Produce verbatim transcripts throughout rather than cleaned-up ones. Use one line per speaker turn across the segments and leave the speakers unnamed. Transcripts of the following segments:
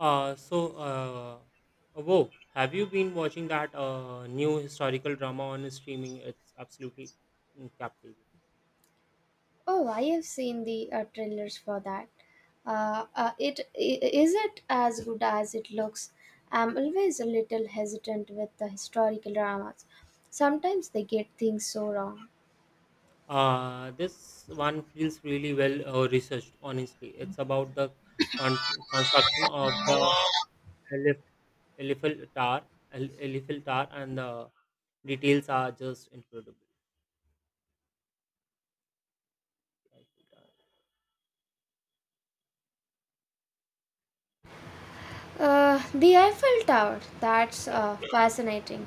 Uh, so, uh, whoa, have you been watching that uh, new historical drama on streaming? It's absolutely mm, captivating.
Oh, I have seen the uh, trailers for that. Uh, uh, it i- is it as good as it looks? I'm always a little hesitant with the historical dramas. Sometimes they get things so wrong.
Uh, this one feels really well uh, researched, honestly. It's about the con- construction of the Elif- Eiffel Tower, El- Eiffel Tower, and the details are just incredible.
Uh, the Eiffel Tower. That's
Yeah,
uh, fascinating.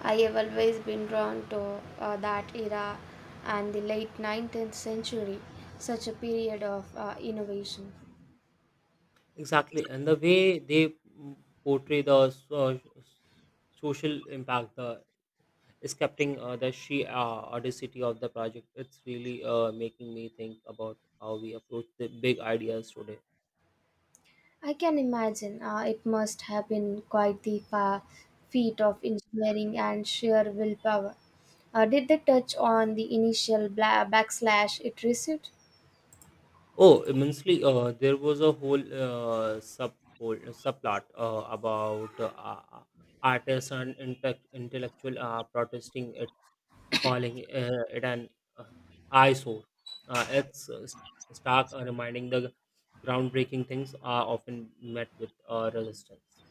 I have always been drawn to uh, that era and the late nineteenth century, such a period of uh, innovation.
exactly. And the way they mm, portray the so- social impact, the Escaping uh, the sheer uh, audacity of the project, it's really uh, making me think about how we approach the big ideas today.
I can imagine uh, it must have been quite the fa- feat of engineering and sheer willpower. Uh, did they touch on the initial bla- backslash it received?
Oh, immensely! Uh, there was a whole uh, sub whole, uh, subplot uh, about uh, uh, artists and inte- intellectual uh, protesting, it, calling uh, it an uh, eyesore. Uh, it's uh, st- stark uh, reminding the groundbreaking things are often met with uh, resistance.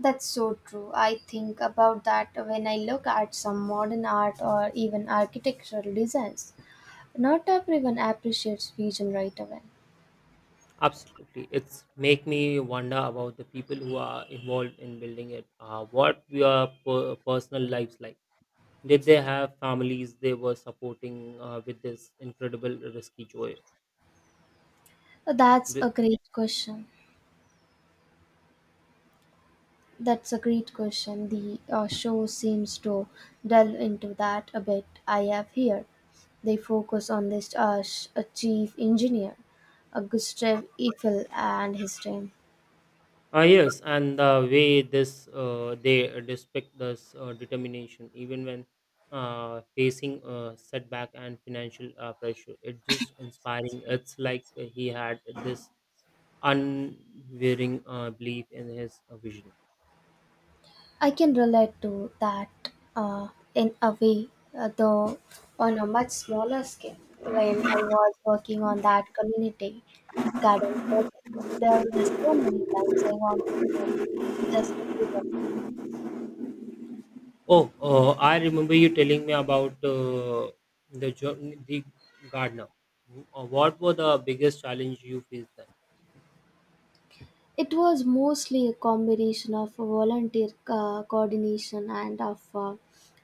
That's so true. I think about that when I look at some modern art or even architectural designs. Not everyone appreciates vision right away.
Absolutely. It's make me wonder about the people who are involved in building it. Uh, what were per- personal lives like? Did they have families they were supporting uh, with this incredible risky joy?
That's a
The-
great question. That's a great question. The uh, show seems to delve into that a bit. I have here. They focus on this uh, sh- a chief engineer, uh, Gustav Eiffel, and his team.
Ah yes, and the way this uh, they respect this uh, determination, even when uh, facing uh, setback and financial uh, pressure, it's just inspiring. It's like he had this unwavering uh, belief in his uh, vision.
I can relate to that, uh, in a way, uh, though on a much smaller scale. When I was working on that community garden project, there were so many times I wanted to just give up.
Oh, uh, I remember you telling me about uh, the jo- the gardener. Uh, What were the biggest challenge you faced then?
It was mostly a combination of volunteer uh, coordination and of, uh,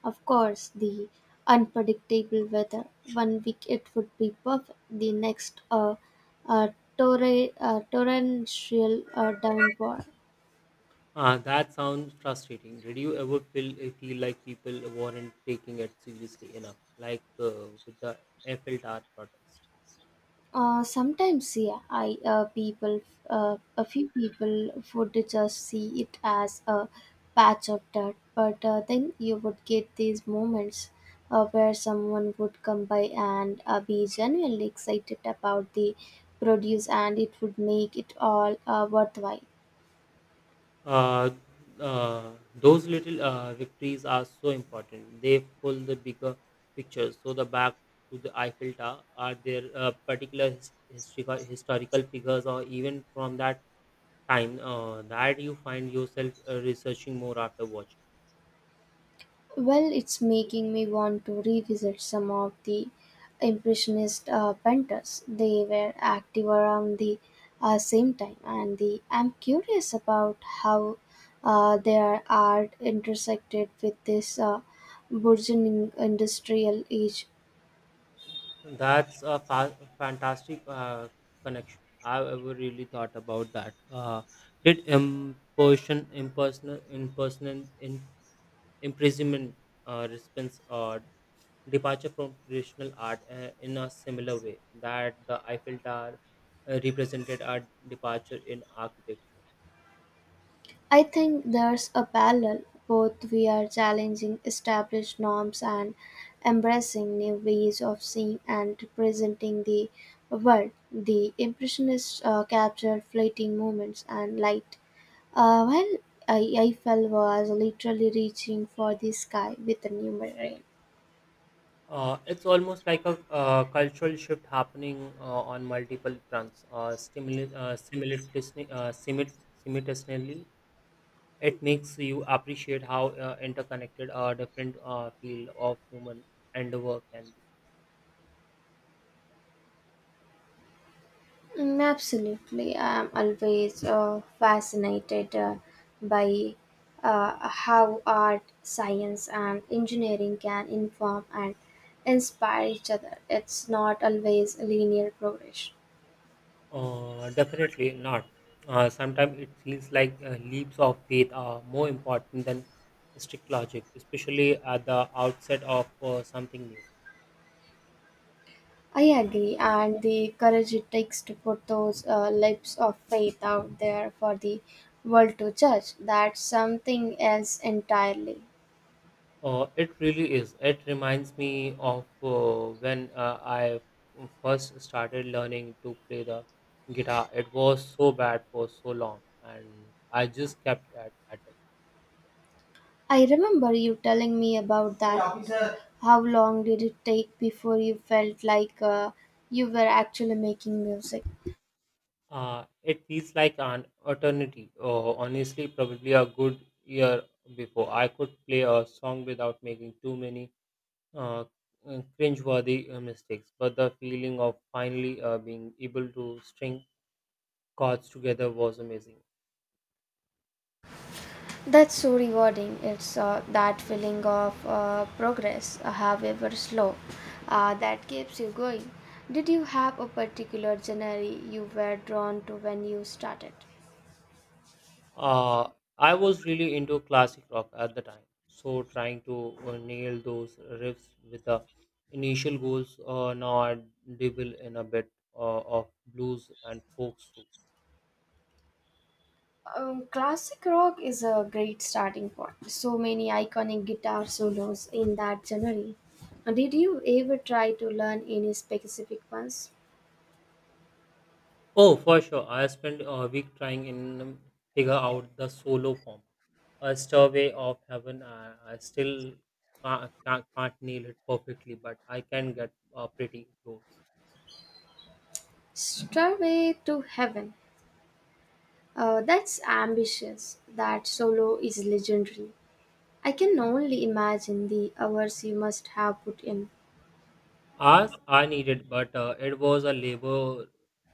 of course, the unpredictable weather. One week it would be perfect, the next a uh, uh, torre- uh, torrential uh, downpour.
Uh, that sounds frustrating. Did you ever feel uh, feel like people weren't taking it seriously enough, like uh, with the Eiffel Tower protest?
Uh, sometimes, yeah, I uh, people, uh, a few people would just see it as a patch of dirt, but uh, then you would get these moments uh, where someone would come by and uh, be genuinely excited about the produce, and it would make it all uh, worthwhile.
uh, uh, those little uh, victories are so important. They pull the bigger picture. So the back to the Eiffel Tower are there uh, particular his- historical historical figures or even from that time uh, that you find yourself uh, researching more after watching.
Well, it's making me want to revisit some of the Impressionist uh, painters. They were active around the uh, same time, and the, I'm curious about how uh, their art intersected with this uh, burgeoning industrial age.
That's a fa- fantastic uh, connection. I've ever really thought about that. Uh, did imperson, impersonal, impersonal, in, imprisonment uh, response uh, departure from traditional art uh, in a similar way that the Eiffel Tower uh, represented a departure in architecture.
I think there's a parallel. Both we are challenging established norms and embracing new ways of seeing and presenting the world. The Impressionists uh, captured fleeting moments and light, uh, while I- Eiffel was literally reaching for the sky with a new mirror.
Uh, it's almost like a uh, cultural shift happening uh, on multiple fronts. Uh, stimuli- uh, simultaneously, uh, simul- simultaneously, it makes you appreciate how uh, interconnected a different uh, field of human endeavor can be.
Mm. Absolutely. I'm always uh, fascinated uh, by uh, how art, science, and engineering can inform and inspire each other. It's not always a linear progression.
Uh, definitely not. Uh, sometimes it feels like uh, leaps of faith are more important than strict logic, especially at the outset of uh, something new.
I agree, and the courage it takes to put those uh, lips of faith out there for the world to judge, that's something else entirely.
Uh, it really is. It reminds me of uh, when uh, I first started learning to play the guitar. It was so bad for so long, and I just kept at, at it.
I remember you telling me about that. Yeah, officer. How long did it take before you felt like uh, you were actually making music?
Uh, it feels like an eternity. Oh, honestly, probably a good year before. I could play a song without making too many uh, uh, cringeworthy uh, mistakes, but the feeling of finally uh, being able to string chords together was amazing.
That's so rewarding. It's uh, that feeling of uh, progress, uh, however slow, uh, that keeps you going. Did you have a particular genre you were drawn to when you started?
Uh, I was really into classic rock at the time, so trying to uh, nail those riffs with the initial goals. Uh, now I dabble in a bit uh, of blues and folks too.
Um, classic rock is a great starting point. So many iconic guitar solos in that genre. Uh, Did you ever try to learn any specific ones?
Oh, for sure. I spent a week trying in figure out the solo form. A stairway of heaven. I, I still can't, can't, can't nail it perfectly, but I can get uh, pretty close.
Stairway to Heaven. Uh, that's ambitious. That solo is legendary. I can only imagine the hours you must have put in.
As I needed, but uh, it was a labor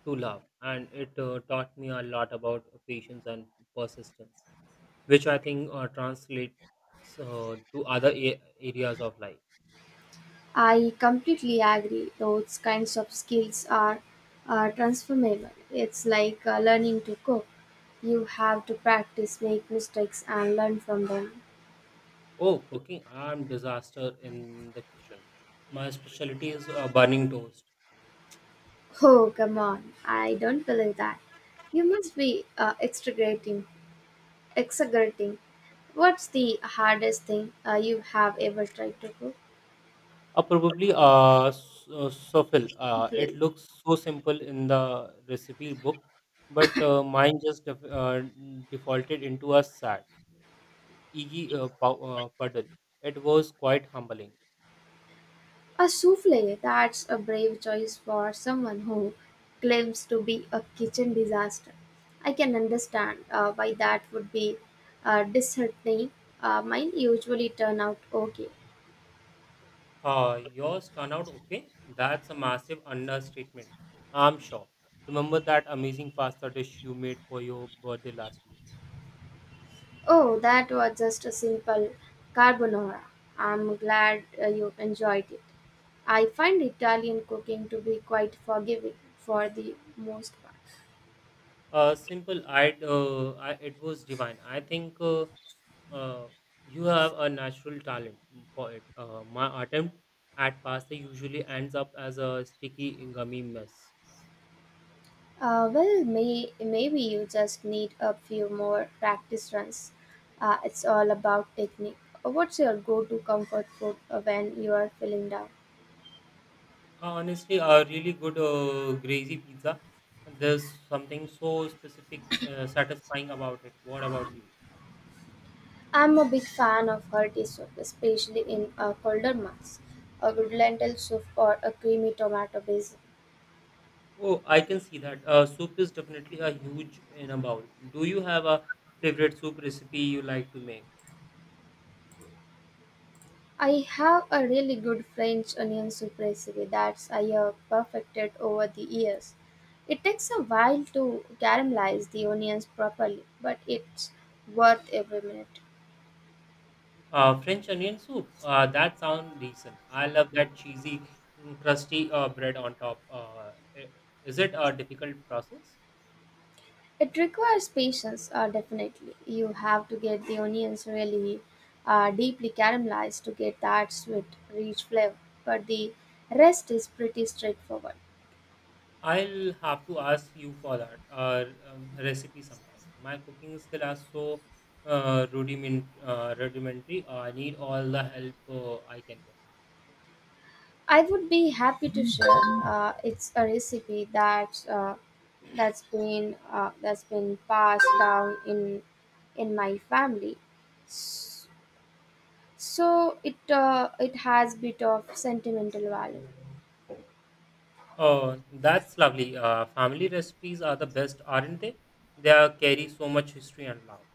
to love, and it uh, taught me a lot about patience and persistence, which I think uh, translates uh, to other a- areas of life.
I completely agree. Those kinds of skills are uh, transformable. It's like uh, learning to cook. You have to practice, make mistakes, and learn from them.
Oh, cooking. I'm disaster in the kitchen. My specialty is uh, burning toast.
Oh, come on. I don't believe that. You must be uh, exaggerating. Exaggerating. What's the hardest thing uh, you have ever tried to cook?
Uh, probably uh, s- uh, souffle. Uh, it
Simply.
looks so simple in the recipe book, but uh, mine just def- uh, defaulted into a sad, eggy uh, pow- uh, puddle. It was quite humbling.
A souffle, that's a brave choice for someone who claims to be a kitchen disaster. I can understand uh, why that would be uh, disheartening. Uh, mine usually turn out okay.
Uh, yours turn out okay? That's a massive understatement. I'm sure. Remember that amazing pasta dish you made for your birthday last year?
Oh, that was just a simple carbonara. I'm glad uh, you enjoyed it. I find Italian cooking to be quite forgiving for the most part.
Uh, simple. i uh, I it was divine. I think uh, uh, you have a natural talent for it. Uh, my attempt at pasta usually ends up as a sticky, gummy mess.
Uh, well, may, maybe you just need a few more practice runs. Uh, it's all about technique. Uh, What's your go to comfort food uh, when you are feeling down?
Uh, honestly, a really good uh, greasy pizza. There's something so specific, uh, satisfying about it. What about you?
I'm a big fan of hearty soup, especially in uh, colder months. A good lentil soup or a creamy tomato basil.
Oh, I can see that. Uh, soup is definitely a huge in a bowl. Do you have a favorite soup recipe you like to make?
I have a really good French onion soup recipe that I have perfected over the years. It takes a while to caramelize the onions properly, but it's worth every minute.
Uh, French onion soup. Uh, that sounds decent. I love that cheesy, mm, crusty uh, bread on top. Uh, i- is it a difficult process?
It requires patience, uh, definitely. You have to get the onions really uh, deeply caramelized to get that sweet, rich flavor. But the rest is pretty straightforward.
I'll have to ask you for that uh, um, recipe sometime. My cooking skill are so uh, rudiment, uh, rudimentary. I need all the help uh, I can get.
I would be happy to share. Uh, it's a recipe that uh, that's been uh, that's been passed down in in my family. S- So it uh, it has bit of sentimental value.
Oh, that's lovely. Uh, family recipes are the best, aren't they? They are, carry so much history and love.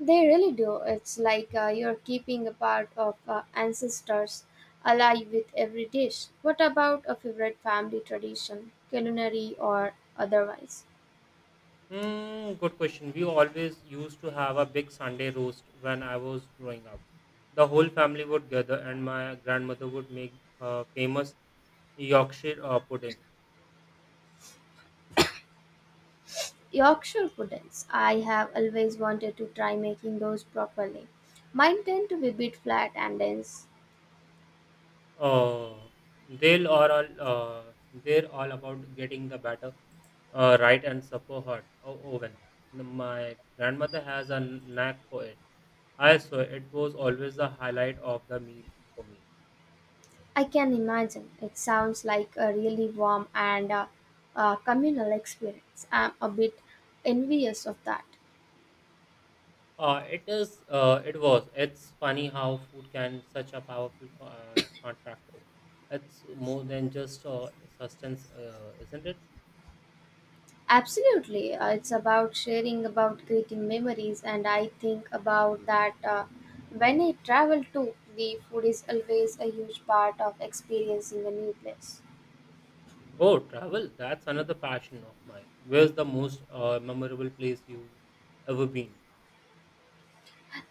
They really do. It's like uh, you're keeping a part of uh, ancestors alive with every dish. What about a favorite family tradition, culinary or otherwise?
Hmm, good question. We always used to have a big Sunday roast when I was growing up. The whole family would gather, and my grandmother would make her famous Yorkshire uh, pudding.
Yorkshire puddings. I have always wanted to try making those properly. Mine tend to be a bit flat and dense.
Uh, they'll are all uh, they're all about getting the batter uh, right and super hot o- oven. My grandmother has a knack for it. I swear it was always the highlight of the meal for me.
I can imagine. It sounds like a really warm and uh, uh, communal experience. I'm a bit envious of that.
Uh, it is. Uh, it was. It's funny how food can such a powerful co- uh, contractor. It's more than just uh, sustenance, uh, isn't it?
Absolutely. Uh, it's about sharing, about creating memories, and I think about that uh, when I travel too, the food is always a huge part of experiencing a new place.
Oh, travel. That's another passion of mine. Where's the most uh, memorable place you've ever been?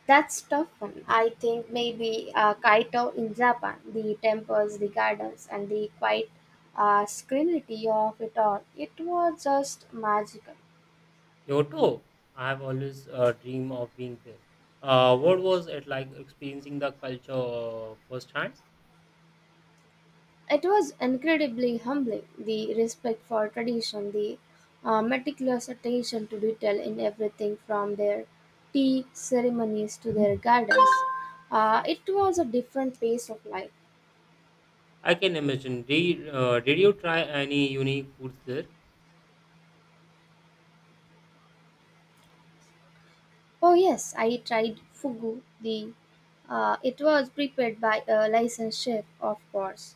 That's tough one. I think maybe uh, Kaito in Japan, the temples, the gardens, and the quiet uh, serenity of it all. It was just magical.
Kyoto. I have always uh, dreamed of being there. Uh, what was it like experiencing the culture uh, firsthand?
It was incredibly humbling the respect for tradition, the uh, meticulous attention to detail in everything from their tea ceremonies to their gardens. Uh, it was a different pace of life.
I can imagine. Did, uh, did you try any unique foods there?
Oh, yes, I tried fugu. The uh, It was prepared by a licensed chef, of course,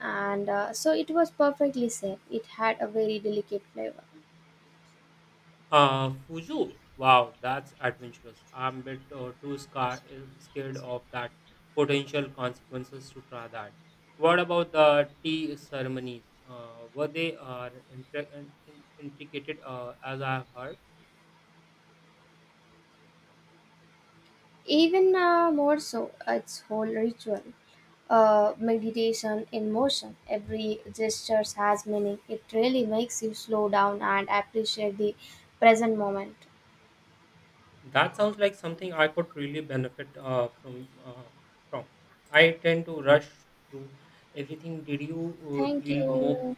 and uh, so it was perfectly safe. It had a very delicate flavor.
Uh, Fuju. Wow, that's adventurous. I'm a bit uh, too scar- uh, scared of that potential consequences to try that. What about the tea ceremonies? Uh, were they uh, intri- in- in- intricated uh, as I heard?
Even uh, more so, its whole ritual, uh, meditation in motion. Every gesture has meaning. It really makes you slow down and appreciate the present moment.
That sounds like something I could really benefit uh, from. Uh, from. I tend to rush through everything. Did you uh,
Thank
feel more
you.